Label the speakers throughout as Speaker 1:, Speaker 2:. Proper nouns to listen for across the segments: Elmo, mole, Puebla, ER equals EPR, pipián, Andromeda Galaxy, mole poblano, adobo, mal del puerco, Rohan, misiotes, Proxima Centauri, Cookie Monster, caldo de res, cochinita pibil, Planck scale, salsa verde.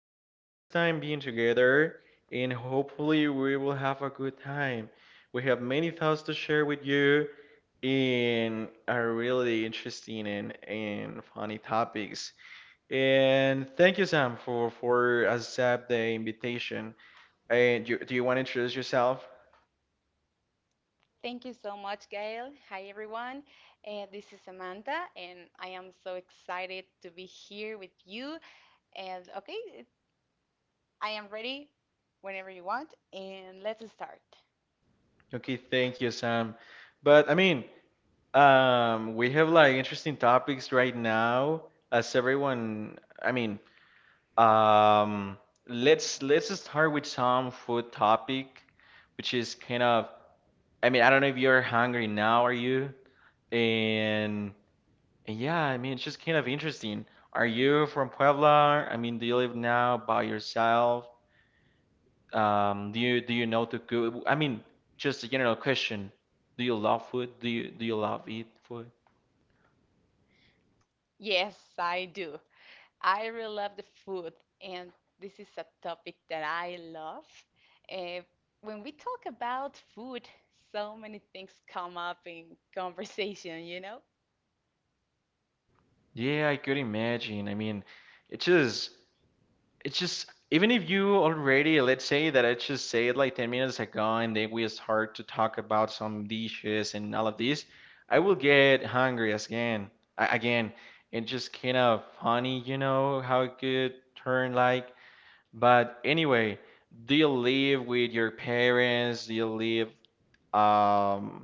Speaker 1: it's our first time being together, and hopefully, we will have a good time. We have many thoughts to share with you in are really interesting and funny topics. And thank you, Sam, for accept the invitation. And you, do you want to introduce yourself?
Speaker 2: Thank you so much, Gail. Hi, everyone. This is Samantha, and I am so excited to be here with you. And okay, I am ready whenever you want, and let's start.
Speaker 1: Okay, thank you, Sam. But I mean, we have like interesting topics right now. As everyone, um, let's start with some food topic, which is kind of, I mean, I don't know if you're hungry now, are you? And yeah, I mean, it's just kind of interesting. Are you from Puebla? I mean, do you live now by yourself? Do you know to cook? I mean, just a general question. Do you love food? Do you love eat food?
Speaker 2: Yes, I do. I really love the food, and this is a topic that I love. Uh, when we talk about food, so many things come up in conversation, you know?
Speaker 1: Yeah, I could imagine. I mean, it's just, it's just, even if you already, let's say that I just said like 10 minutes ago and then we start to talk about some dishes and all of this, I will get hungry again. It's just kind of funny, you know, how it could turn like. But anyway, do you live with your parents? Um,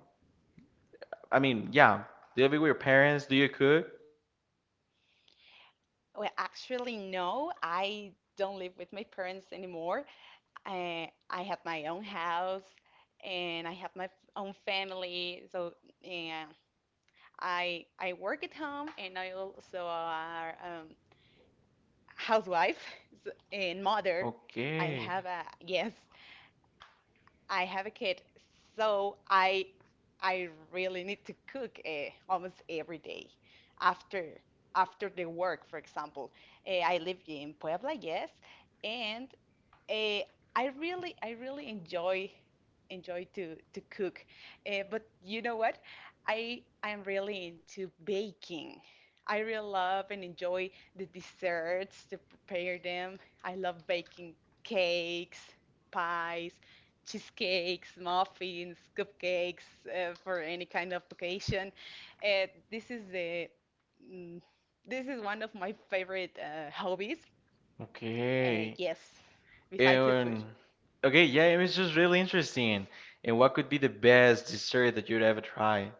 Speaker 1: I mean, yeah, do you live with your parents? Do you cook?
Speaker 2: Well, actually, no, I don't live with my parents anymore. I have my own house and I have my own family. So and I work at home and I also are housewife and mother. I have
Speaker 1: Okay.
Speaker 2: a Yes, I have a kid. So I really need to cook almost every day after the work, for example. I live in Puebla, yes, and Uh, I really, enjoy to cook, but you know what? I'm really into baking. I really love and enjoy the desserts to prepare them. I love baking cakes, pies, cheesecakes, muffins, cupcakes for any kind of occasion. Uh, this is the mm, this is one of my favorite hobbies.
Speaker 1: Okay.
Speaker 2: Yes, besides the food.
Speaker 1: And okay, yeah, it was just really interesting. And what could be the best dessert that you'd ever try?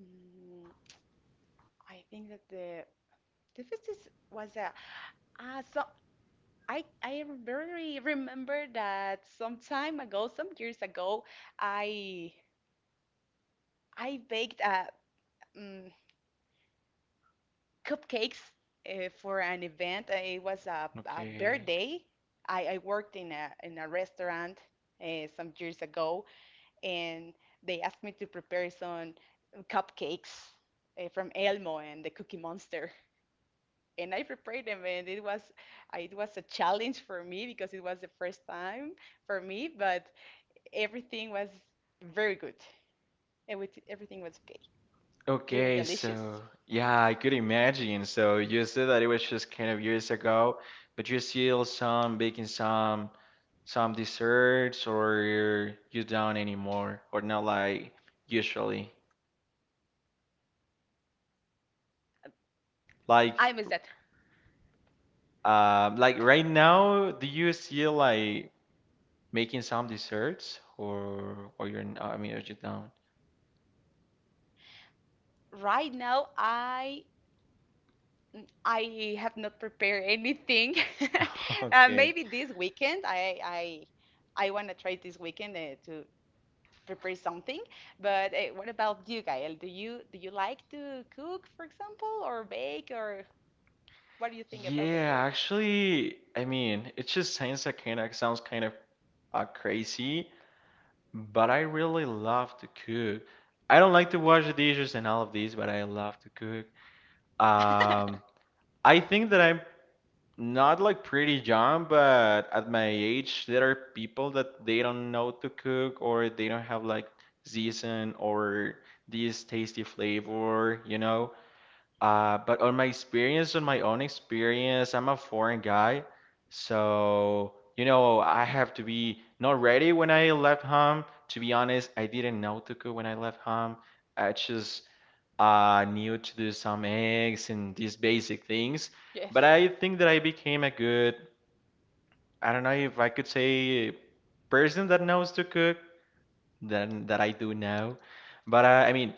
Speaker 2: Mm, I think that the difference was a. So I very remember that some time ago, some years ago, I baked um, cupcakes for an event. It was a
Speaker 1: Okay.
Speaker 2: birthday. I worked in a restaurant some years ago, and they asked me to prepare some cupcakes from Elmo and the Cookie Monster. And I prepared them, and it was a challenge for me because it was the first time for me, but everything was very good. Everything was okay. They were
Speaker 1: Okay,
Speaker 2: delicious.
Speaker 1: so yeah, I could imagine. So you said that it was just kind of years ago, but you still some baking some desserts or you don't anymore or not like usually. Like
Speaker 2: I miss that.
Speaker 1: like right now, do you still like making some desserts or you're I mean are you down?
Speaker 2: Right now, I have not prepared anything.
Speaker 1: Okay.
Speaker 2: Maybe this weekend, I want to try this weekend to prepare something. But what about you, Gael? Do you like to cook, for example, or bake, or what do you think about the
Speaker 1: Yeah,
Speaker 2: food?
Speaker 1: actually, I mean, it just sounds kind of crazy, but I really love to cook. I don't like to wash the dishes and all of these, but I love to cook. Um, I think that I'm not like pretty young, but at my age, there are people that they don't know to cook or they don't have like season or this tasty flavor, you know? But on my own experience, I'm a foreign guy, so you know I
Speaker 2: Okay.
Speaker 1: have to be not ready when I left home. To be honest, I didn't know to cook when I left home. I just knew to do some eggs and these basic things. But
Speaker 2: Yes.
Speaker 1: I think that I became a good, I don't know if I could say person that knows to cook than that I do now. But I mean,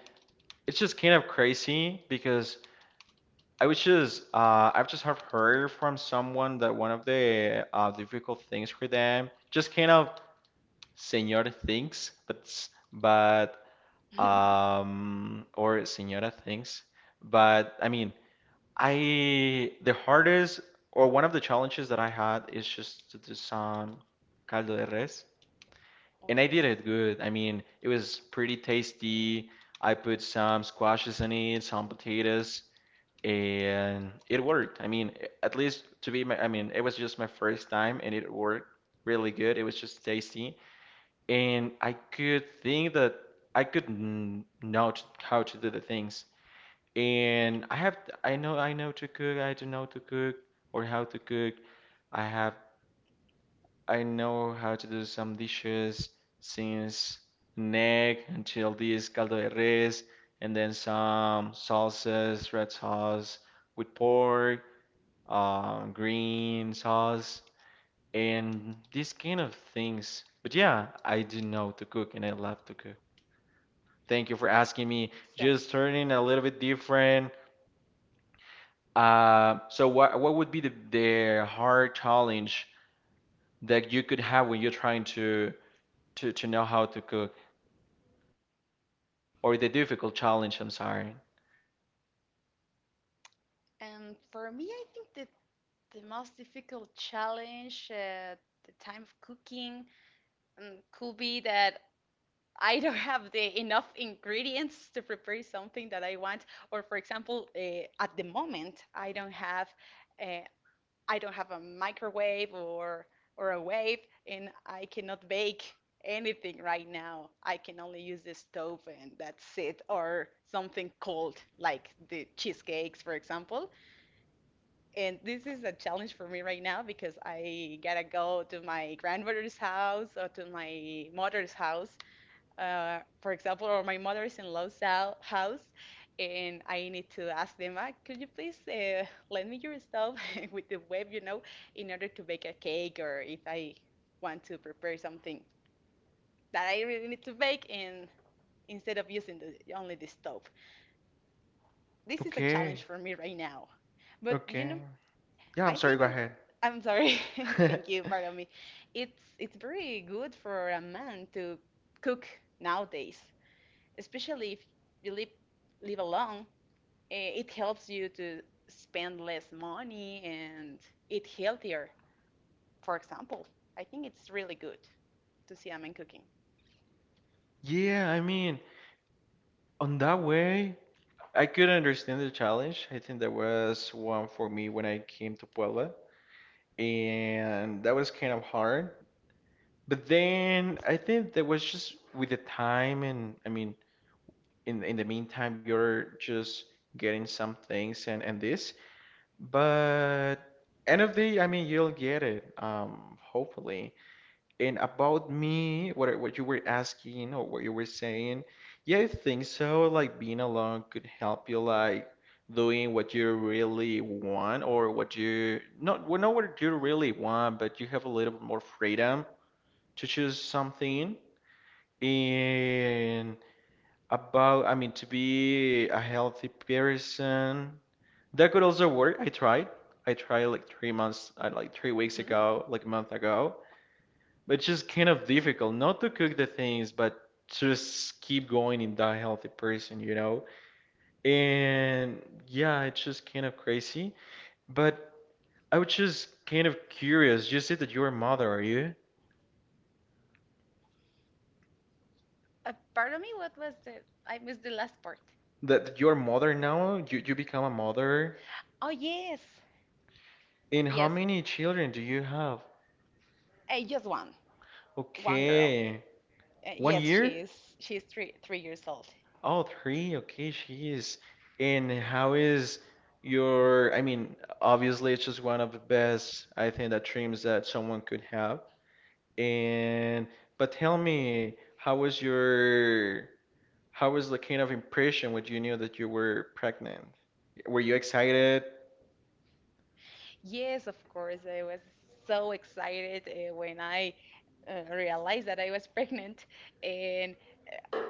Speaker 1: it's just kind of crazy because. I was just I've just have heard from someone that one of the difficult things for them just kind of senor things, but or senora things, but I mean I the hardest or one of the challenges that I had is just to do some caldo de res,
Speaker 2: Oh,
Speaker 1: and I did
Speaker 2: yes.
Speaker 1: it good. I mean it was pretty tasty. I put some squashes in it, some potatoes and it worked. I mean, at least to be my, I mean, it was just my first time and it worked really good. It was just tasty. And I could think that I could how to do the things. And I have, I know to cook. I do know to cook or how to cook. I have, I know how to do some dishes since neck until this caldo de res, and then some salsas, red sauce with pork green sauce, and these kind of things. But yeah, I do know to cook and I love to cook. Thank you for asking me.
Speaker 2: Excellent.
Speaker 1: Just turning a little bit different. So what would be the hard challenge that you could have when you're trying to, to know how to cook, or the difficult challenge? I'm sorry.
Speaker 2: And for me, I think that the most difficult challenge at the time of cooking could be that I don't have the enough ingredients to prepare something that I want. Or, for example, at the moment, I don't have. Uh, I don't have a microwave or a wave, and I cannot bake anything right now. I can only use the stove, and that's it, or something cold like the cheesecakes, for example. And this is a challenge for me right now because I gotta go to my grandmother's house or to my mother's house for example, or my mother is in law's house, and I need to ask them, could you please lend me your stuff with the web, you know, in order to bake a cake, or if I want to prepare something that I really need to bake, and instead of using only the stove. This is a
Speaker 1: Okay,
Speaker 2: challenge for me right now. But you
Speaker 1: okay.
Speaker 2: know,
Speaker 1: Yeah, I'm
Speaker 2: I
Speaker 1: sorry.
Speaker 2: think
Speaker 1: Go
Speaker 2: it,
Speaker 1: ahead.
Speaker 2: I'm sorry. Thank you, pardon me. It's very good for a man to cook nowadays, especially if you live alone. It helps you to spend less money and eat healthier. For example, I think it's really good to see a man cooking.
Speaker 1: Yeah, I mean, on that way, I could understand the challenge. I think there was one for me when I came to Puebla, and that was kind of hard. But then I think that was just with the time, and I mean, in the meantime, you're just getting some things and this. But end of the day, I mean, you'll get it, hopefully. And about me, what you were asking or what you were saying, yeah, I think so. Like being alone could help you like doing what you really want or what you not well, not what you really want, but you have a little bit more freedom to choose something. And about, I mean, to be a healthy person, that could also work. I tried. I tried like 3 months, like 3 weeks
Speaker 2: hmm
Speaker 1: ago, like a month ago. It's just kind of difficult not to cook the things, but just keep going in that healthy person, you know? And yeah, it's just kind of crazy. But I was just kind of curious. You said that you're a mother, are you?
Speaker 2: Pardon me, what was the? I missed the last part.
Speaker 1: That you're a mother now? You become a mother?
Speaker 2: Oh yes,
Speaker 1: And how
Speaker 2: yes,
Speaker 1: many children do you have?
Speaker 2: just one, girl.
Speaker 1: Okay. One
Speaker 2: Yes,
Speaker 1: year?
Speaker 2: she's three years old.
Speaker 1: Oh, three. Okay, she is, and how is your? I mean, obviously, it's just one of the best, I think, that dreams that someone could have. And but tell me, how was your? How was the kind of impression when you knew that you were pregnant? Were you excited?
Speaker 2: Yes, of course. I was so excited when I realized that I was pregnant, and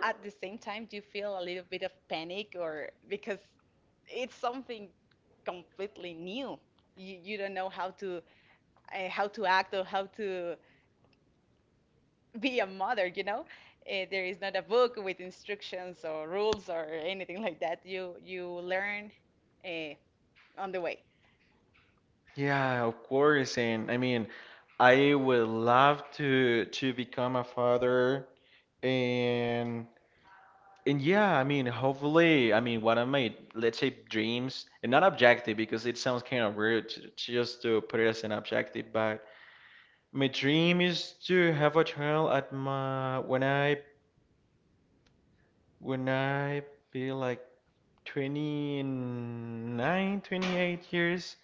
Speaker 2: at the same time, do you feel a little bit of panic or because it's something completely new? You don't know how to act or how to be a mother, you know? There is not a book with instructions or rules or anything like that. You learn uh, on the way.
Speaker 1: Yeah, of course. And I mean, I would love to become a father. And And yeah, I mean, hopefully, I mean, one of my, let's say, dreams, and not objective because it sounds kind of weird to just to put it as an objective, but my dream is to have a child at my, when I be like 29, 28 years.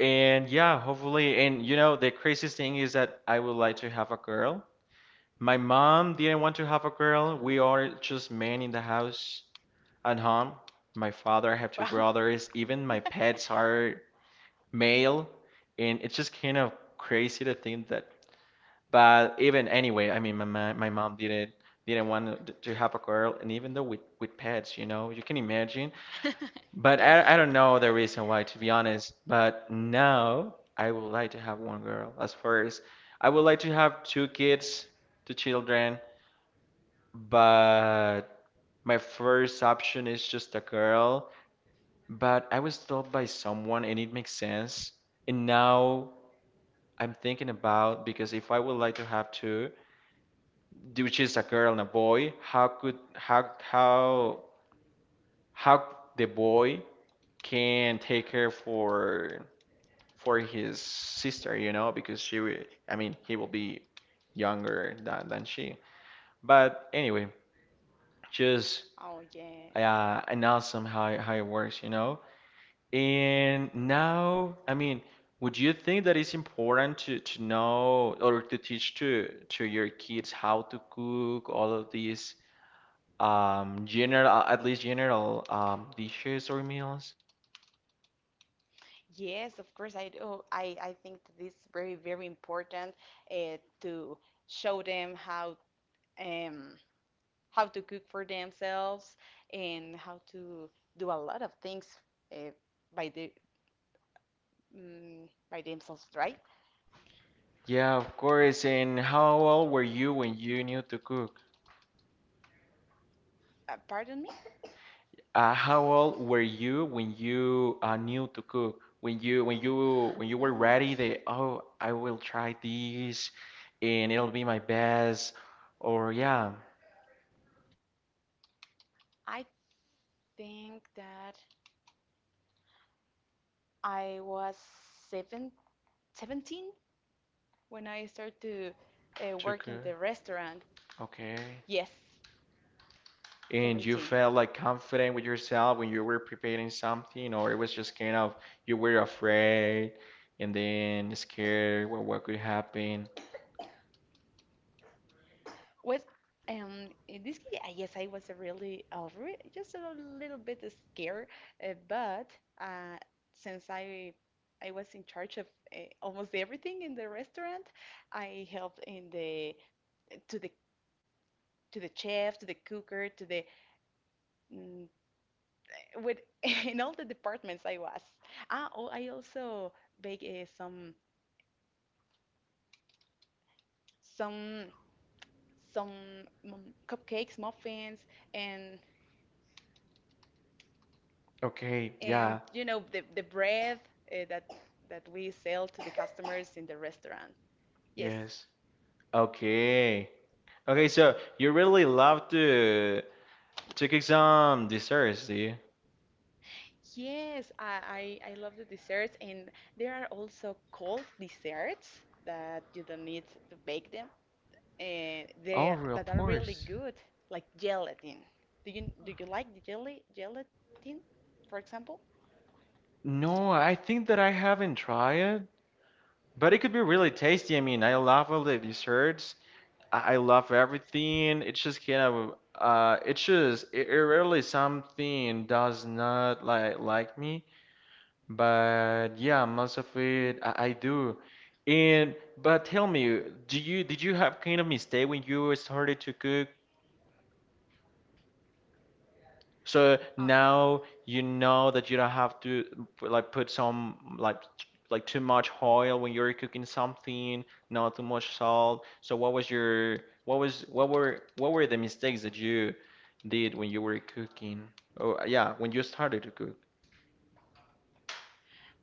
Speaker 1: And yeah, hopefully, and you know, the craziest thing is that I would like to have a girl. My mom didn't want to have a girl.
Speaker 2: Okay.
Speaker 1: We are just men in the house. At home, my father, I have two
Speaker 2: Wow.
Speaker 1: brothers, even my pets are male, and it's just kind of crazy to think that. But even anyway, I mean, my mom didn't want to have a girl, and even though with pets, you know, you can imagine. But
Speaker 2: Yes.
Speaker 1: I don't know the reason why, to be honest. But now I would like to have one girl as first. I would like to have two kids, two children, but my first option is just a girl. But I was told by someone and it makes sense. And now I'm thinking about because if I would like to have two, which is a girl and a boy, how could how the boy can take her for his sister, you know, because I mean, he will be younger than she. But anyway, just
Speaker 2: Oh, yes.
Speaker 1: and awesome how it works, you know. And now, I mean, would you think that it's important to know or to teach to your kids how to cook all of these general at least general dishes or meals?
Speaker 2: Yes, of course. I do. I think that it's very, very important to show them um, how to cook for themselves and how to do a lot of things uh, by by themselves, right?
Speaker 1: Yeah, of course. And how old were you when you knew to cook?
Speaker 2: Pardon me.
Speaker 1: How old were you when you knew to cook? When you when you were
Speaker 2: Mm,
Speaker 1: ready that oh, I will try this and it'll be my best or yeah.
Speaker 2: I think that I was seven, 17 when I started to work in the
Speaker 1: Tucker.
Speaker 2: restaurant.
Speaker 1: Okay.
Speaker 2: Yes,
Speaker 1: And you
Speaker 2: 17.
Speaker 1: felt like confident with yourself when you were preparing something, or it was just kind of you were afraid and then scared what could happen.
Speaker 2: Well, in this case, I guess I was really, re just a little bit scared, but uh, since I was in charge of almost everything in the restaurant, I helped in the to the to the chef, to the cooker, to the mm, with in all the departments I was. Ah, oh, I also bake some some mm, cupcakes, muffins, and
Speaker 1: Okay, yeah,
Speaker 2: you know the bread that we sell to the customers in the restaurant. Yes,
Speaker 1: yes. Okay. Okay, so you really love to cook some desserts, do you?
Speaker 2: yes, I love the desserts, and there are also cold desserts that you don't need to bake them, and
Speaker 1: Oh, re- of
Speaker 2: that are really
Speaker 1: course.
Speaker 2: good, like gelatin. Do you like the jelly gelatin, for example?
Speaker 1: No, I think that I haven't tried it, but it could be really tasty. I mean, I love all the desserts. I love everything. It's just kind of it's just it, it really something does not like like me. But yeah, most of it I do. And but tell me, do you did you have kind of mistake when you started to cook? So now you know that you don't have to like put some like too much oil when you're cooking something, not too much salt. So what was your what was what were the mistakes that you did when you were cooking? Oh yeah, when you started to cook.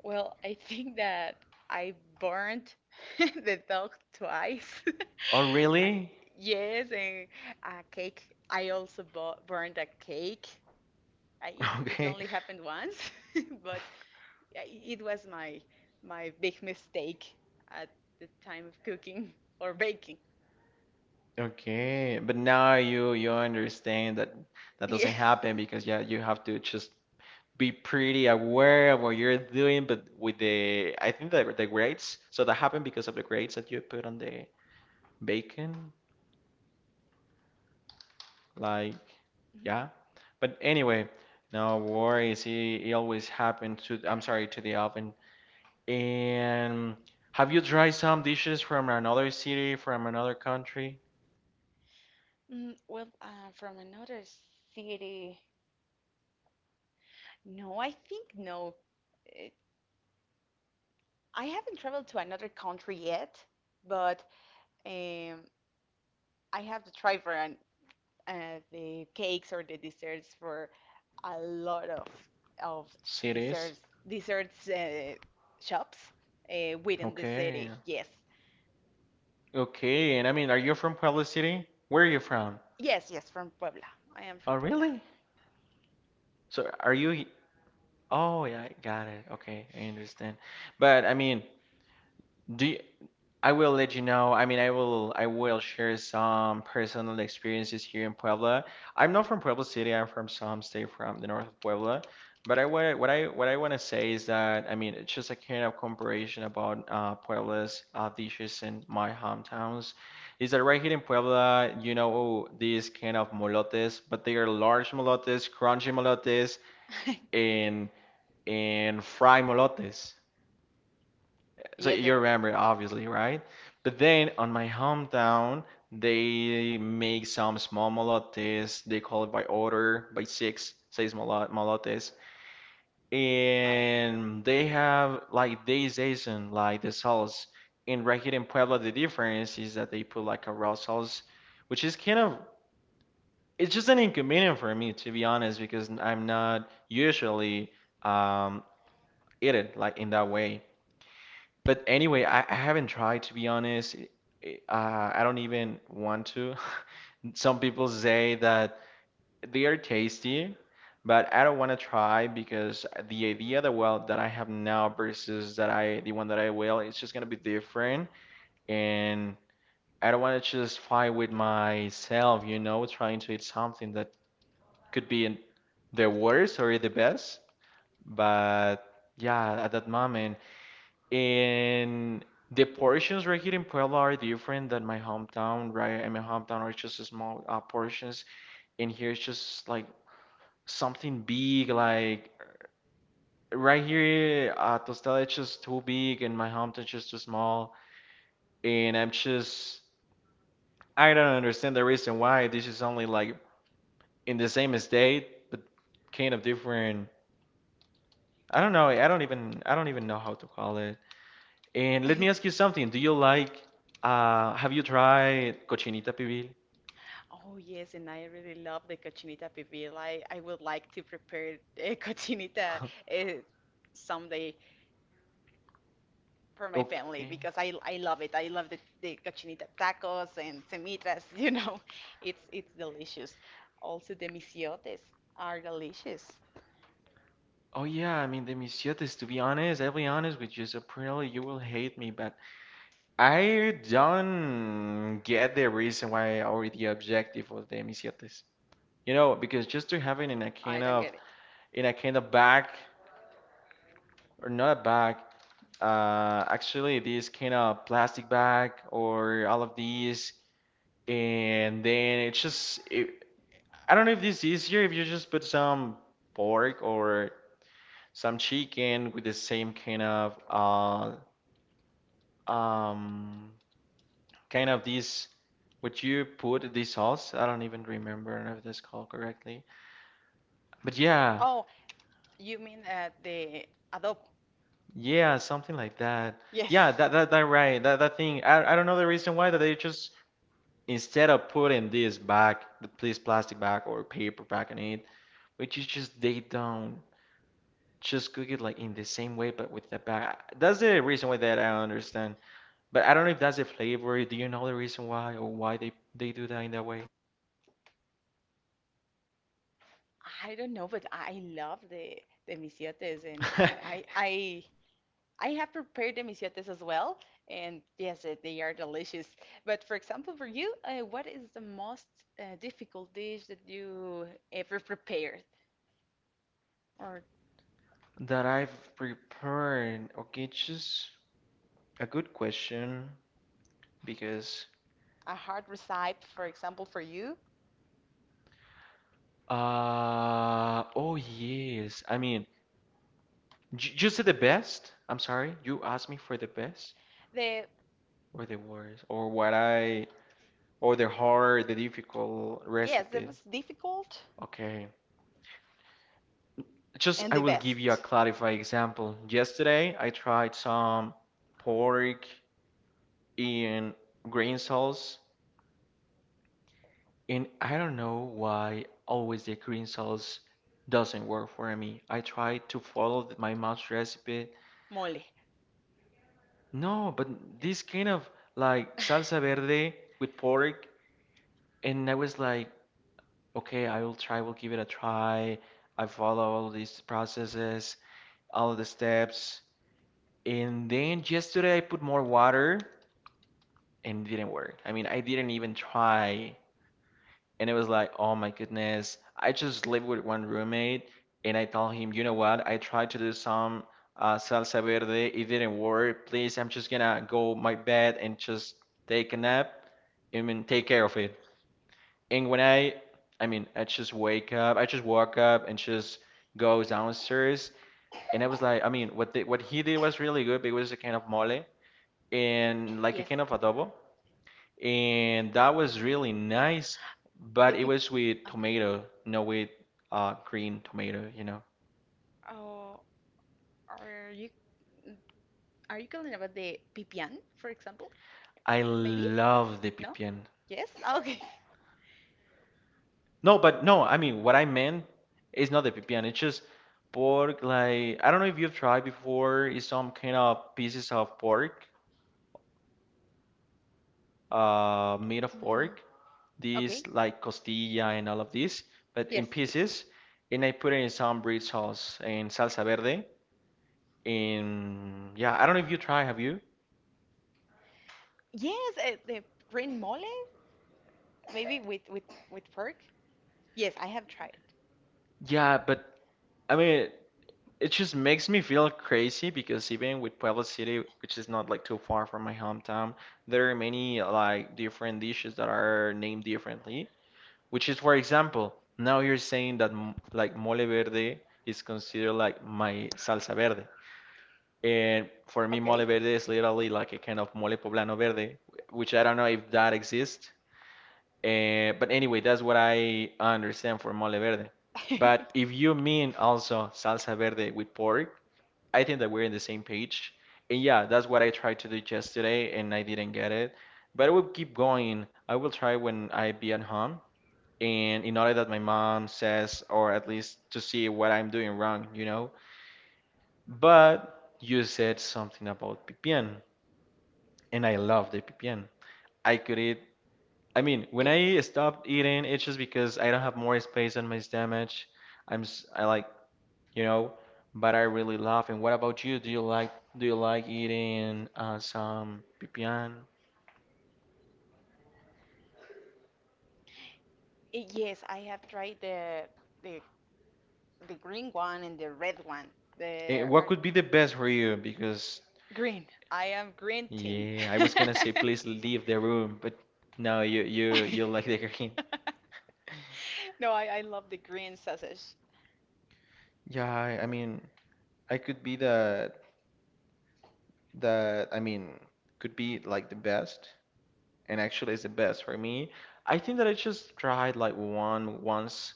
Speaker 2: Well, I think that I burned the dog twice.
Speaker 1: Oh
Speaker 2: I-
Speaker 1: really?
Speaker 2: Yes, and a cake. I also burned a cake. It, it
Speaker 1: Okay.
Speaker 2: only happened once, but it was my big mistake at the time of cooking or baking.
Speaker 1: Okay. But now you understand that that doesn't
Speaker 2: Yes.
Speaker 1: happen because yeah, you have to just be pretty aware of what you're doing, but with the I think that the grades, so that happened because of the grades that you put on the bacon, like
Speaker 2: Mm,
Speaker 1: yeah. But anyway, no worries. It always happened to I'm sorry to the oven. And have you tried some dishes from another city, from another country?
Speaker 2: well, from another city. No, I think no. Eh, I haven't traveled to another country yet, but Um, I have to try the cakes or the desserts for a lot of
Speaker 1: Cities?
Speaker 2: desserts desserts shops within the
Speaker 1: Okay.
Speaker 2: city. Yes,
Speaker 1: Okay. And I mean, are you from Puebla City? Where are you from?
Speaker 2: yes, yes. From Puebla. I am
Speaker 1: Oh,
Speaker 2: from Puebla.
Speaker 1: really? So are you Oh, yeah, I got it. Okay, I understand. But I mean, do you, I will let you know. I mean, I will share some personal experiences here in Puebla. I'm not from Puebla City. I'm from some state from the north of Puebla. But I what I want to say is that I mean, it's just a kind of comparison about Puebla's dishes in my hometowns. Is that right here in Puebla, you know, these kind of molotes, but they are large molotes, crunchy molotes, and fry molotes. So
Speaker 2: Yes.
Speaker 1: you remember, obviously, right? But then on my hometown, they make some small molotes. They call it by order, by six, molo- molotes.
Speaker 2: Wow.
Speaker 1: And they have like they season like the sauce. In right here in Puebla, the difference is that they put like a raw sauce, which is kind of it's just an inconvenient for me to be honest because I'm not usually um eat it like in that way. But anyway, I haven't tried to be honest. Uh, I don't even want to. Some people say that they are tasty, but I don't want to try because the idea that well that I have now versus that I the one that I will, it's just gonna be different, and I don't want to just fight with myself, you know, trying to eat something that could be in the worst or the best. But yeah, at that moment. And the portions right here in Puebla are different than my hometown, right? In my hometown are just small portions, and here it's just like something big. Like right here, tostada is just too big, and my hometown is just too small. And I'm just I don't understand the reason why this is only like in the same state, but kind of different. I don't know. I don't even know how to call it. And let me ask you something. Do you like, have you tried cochinita pibil?
Speaker 2: Oh yes, and I really love the cochinita pibil. I would like to prepare cochinita uh, someday, for my family
Speaker 1: Okay.
Speaker 2: because I love it. I love the cochinita tacos and semitas, you know. It's delicious. Also the misiotes are delicious.
Speaker 1: Oh yeah, I mean the misiotes, to be honest, I'll be honest with you, so probably you will hate me, but I don't get the reason why or the objective of the misiotes. You know, because just to have it in a
Speaker 2: I
Speaker 1: kind
Speaker 2: don't
Speaker 1: of
Speaker 2: get it.
Speaker 1: bag or not a bag, actually this kind of plastic bag or all of these and then it's just it, I don't know if this is easier if you just put some pork or some chicken with the same um kind of this what you put this sauce. I don't even remember if that's called correctly. But yeah,
Speaker 2: Oh, you mean the adobo?
Speaker 1: yeah, something like that.
Speaker 2: Yes.
Speaker 1: Yeah, that right. That thing. I don't know the reason why that they just instead of putting this back, the please plastic bag or paper bag on it, which is just they don't. Just cook it like in the same way but with the bag. That's the reason why that I understand. But I don't know if that's the flavor. Do you know the reason why or why they do that in that way?
Speaker 2: I don't know, but I love the misiotes and I have prepared the misiotes as well, and yes, they are delicious. But for example, for you, what is the most difficult dish that you ever prepared, or
Speaker 1: That I've prepared. Okay, just a good question because
Speaker 2: a hard recipe, for example, for you?
Speaker 1: oh yes. I mean, j you said the best. I'm sorry. You asked me for the best
Speaker 2: The
Speaker 1: or the worst or what I or the hard, the difficult
Speaker 2: Yes, the
Speaker 1: recipe.
Speaker 2: most difficult
Speaker 1: Okay. Just
Speaker 2: and
Speaker 1: I
Speaker 2: the
Speaker 1: will give you a
Speaker 2: best
Speaker 1: clarify example. Yesterday I tried some pork in green sauce, and I don't know why always the green sauce doesn't work for me. I tried to follow th- my mom's recipe.
Speaker 2: mole.
Speaker 1: No, but
Speaker 2: It is-
Speaker 1: this kind of like salsa verde with pork, and I was like, okay, I will try, will give it a try. I follow all these processes, all the steps. And then yesterday I put more water and it didn't work. I mean, I didn't even try. And it was like, oh my goodness. I just lived with one roommate and I told him, you know what? I tried to do some salsa verde. It didn't work. Please, I'm just gonna go my bed and just take a nap. I mean, take care of it. And when I, I mean, I just woke up and just go downstairs. And I was like, I mean, what the, what he did was really good because it was a kind of mole and like a
Speaker 2: yes,
Speaker 1: kind of adobo and that was really nice, but
Speaker 2: the
Speaker 1: it
Speaker 2: pip.
Speaker 1: was with
Speaker 2: Okay.
Speaker 1: tomato, no with green tomato, you know.
Speaker 2: Oh, are you are you calling about the pipián, for example?
Speaker 1: I
Speaker 2: Maybe?
Speaker 1: love the
Speaker 2: No?
Speaker 1: pipián.
Speaker 2: Yes? Okay.
Speaker 1: No, but no, I mean what I meant is not the pipián. It's just pork like I don't know if you've tried before. It's some kind of pieces of pork, made of
Speaker 2: Mm,
Speaker 1: pork.
Speaker 2: okay.
Speaker 1: These like costilla and all of this, but in
Speaker 2: Yes.
Speaker 1: pieces. And I put it in some bread sauce and salsa verde. And yeah, I don't know if you try. Have you?
Speaker 2: Yes, the green mole, maybe with pork. Yes, I have tried.
Speaker 1: Yeah, but I mean, it just makes me feel crazy because even with Puebla City, which is not like too far from my hometown, there are many like different dishes that are named differently. Which is, for example, now you're saying that m- like mole verde is considered like my salsa verde, and for me
Speaker 2: Okay.
Speaker 1: mole verde is literally like a kind of mole poblano verde, which I don't know if that exists. But anyway, that's what I understand for mole verde. But if you mean also salsa verde with pork, I think that we're in the same page. And yeah, that's what I tried to do yesterday, and I didn't get it. But I will keep going. I will try when I be at home, and in order that my mom says, or at least to see what I'm doing wrong, you know. But you said something about pipián, and I love the pipián. I could eat I mean, when
Speaker 2: Yes.
Speaker 1: I stopped eating, it's just because I don't have more space on my stomach. I'm s- I like, you know, but I really love. And what about you? Do you like eating some pipián?
Speaker 2: Yes, I have tried the the green one and the red one. They
Speaker 1: And what
Speaker 2: are
Speaker 1: could be the best for you? Because
Speaker 2: green. I am green team.
Speaker 1: yeah, I was gonna say please leave the room, but no, you like the green.
Speaker 2: No, I love the green sausage.
Speaker 1: Yeah, I mean, I could be the I mean, could be like the best. And actually it's the best for me. I think that I just tried like one once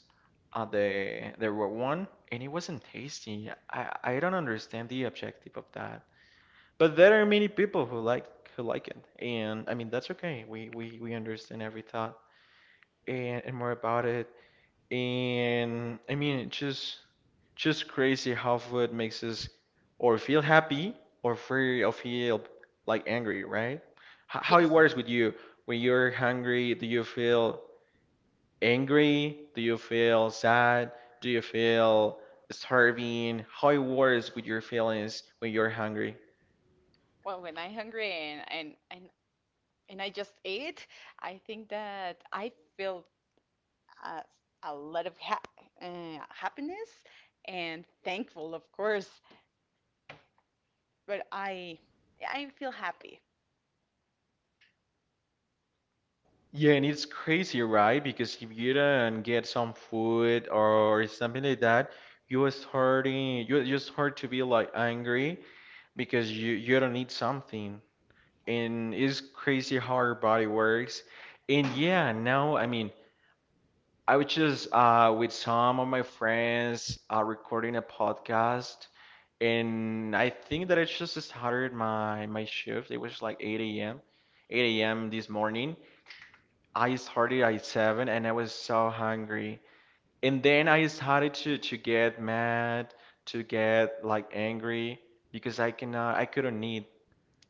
Speaker 1: at the raw one, and it wasn't tasty. I don't understand the objective of that. But there are many people who like it, and I mean that's okay. We understand every thought and more about it and I mean, it's just crazy how food makes us or feel happy or feel like angry, right? H how it
Speaker 2: Yes.
Speaker 1: works with you when you're hungry? Do you feel angry? Do you feel sad? Do you feel starving? How it works with your feelings when you're hungry?
Speaker 2: Well, when I'm hungry and I just eat, I think that I feel a, a lot of ha happiness and thankful, of course. But I feel happy.
Speaker 1: Yeah, and it's crazy, right? Because if you don't get some food or something like that, you are starting you start to be like angry because you don't need something and it's crazy how our body works and yeah now I mean I was just with some of my friends recording a podcast and I think that I just started my shift. It was like 8 a.m. This morning. I started at 7 and I was so hungry and then I started to get mad to get like angry because I cannot I couldn't eat.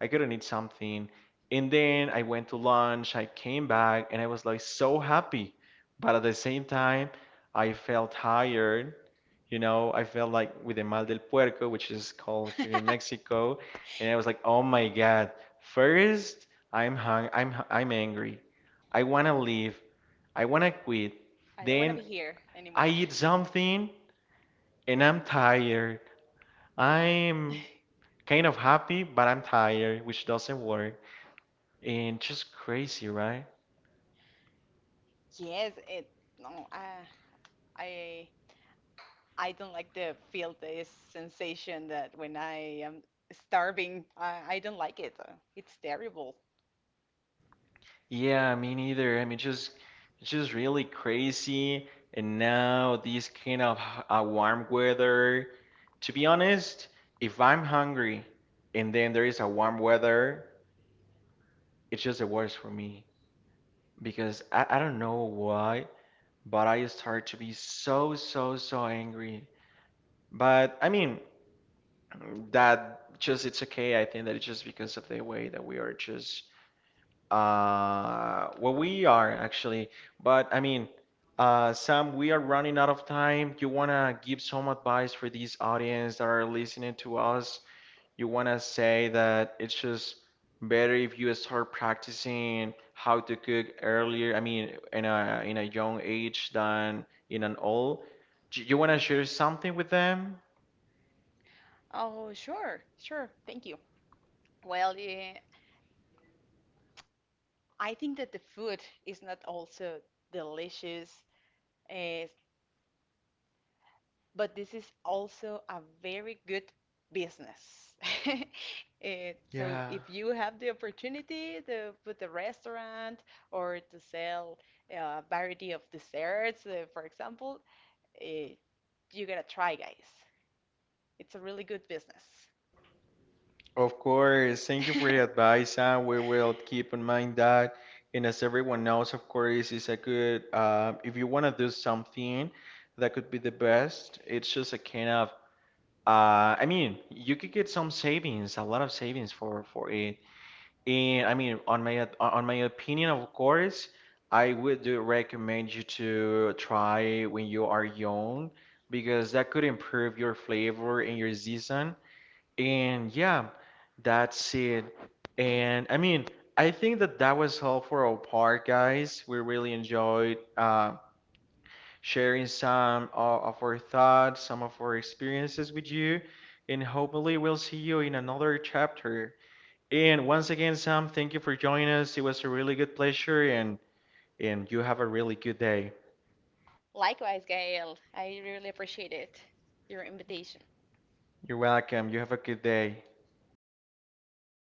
Speaker 1: I couldn't eat something. And then I went to lunch, I came back, and I was like so happy. But at the same time, I felt tired. You know, I felt like with the mal del puerco, which is called
Speaker 2: I
Speaker 1: here in Mexico, and I was like, oh my God. First, I'm angry. I wanna leave. I wanna quit.
Speaker 2: don't want to
Speaker 1: Then
Speaker 2: be here
Speaker 1: I
Speaker 2: anymore.
Speaker 1: eat something and I'm tired. I'm kind of happy, but I'm tired, which doesn't work. And just crazy, right?
Speaker 2: Yes, it no, I I don't like the feel this sensation that when I am starving, I don't like it. It's terrible.
Speaker 1: Yeah, me neither. I mean, just it's just really crazy. And now this kind of h- warm weather. To be honest, if I'm hungry and then there is a warm weather, it's just the worst for me because I don't know why, but I start to be so, so, so angry. But I mean, that just it's okay. I think that it's just because of the way that we are just well, we are actually, but I mean, Sam, we are running out of time. You wanna give some advice for these audience that are listening to us? You wanna say that it's just better if you start practicing how to cook earlier, I mean, in a young age than in an old. Do you wanna share something with them?
Speaker 2: Oh, sure, sure, thank you. Well, yeah, I think that the food is not also delicious. Uh, but this is also a very good business. So
Speaker 1: Yeah.
Speaker 2: if you have the opportunity to put a restaurant or to sell a variety of desserts, for example, uh, you gotta try, guys. It's a really good business.
Speaker 1: Of course, thank you for your advice, and we will keep in mind that. And as everyone knows, of course, it's a good, if you want to do something that could be the best, it's just a kind of, I mean, you could get some savings, a lot of savings for it. And I mean, on my opinion, of course, I would do recommend you to try when you are young because that could improve your flavor and your season and yeah, that's it. And I mean, I think that that was all for our part, guys. We really enjoyed sharing some o- of our thoughts, some of our experiences with you. And hopefully, we'll see you in another chapter. And once again, Sam, thank you for joining us. It was a really good pleasure, and you have a really good day.
Speaker 2: Your invitation.
Speaker 1: You're welcome. You have a good day.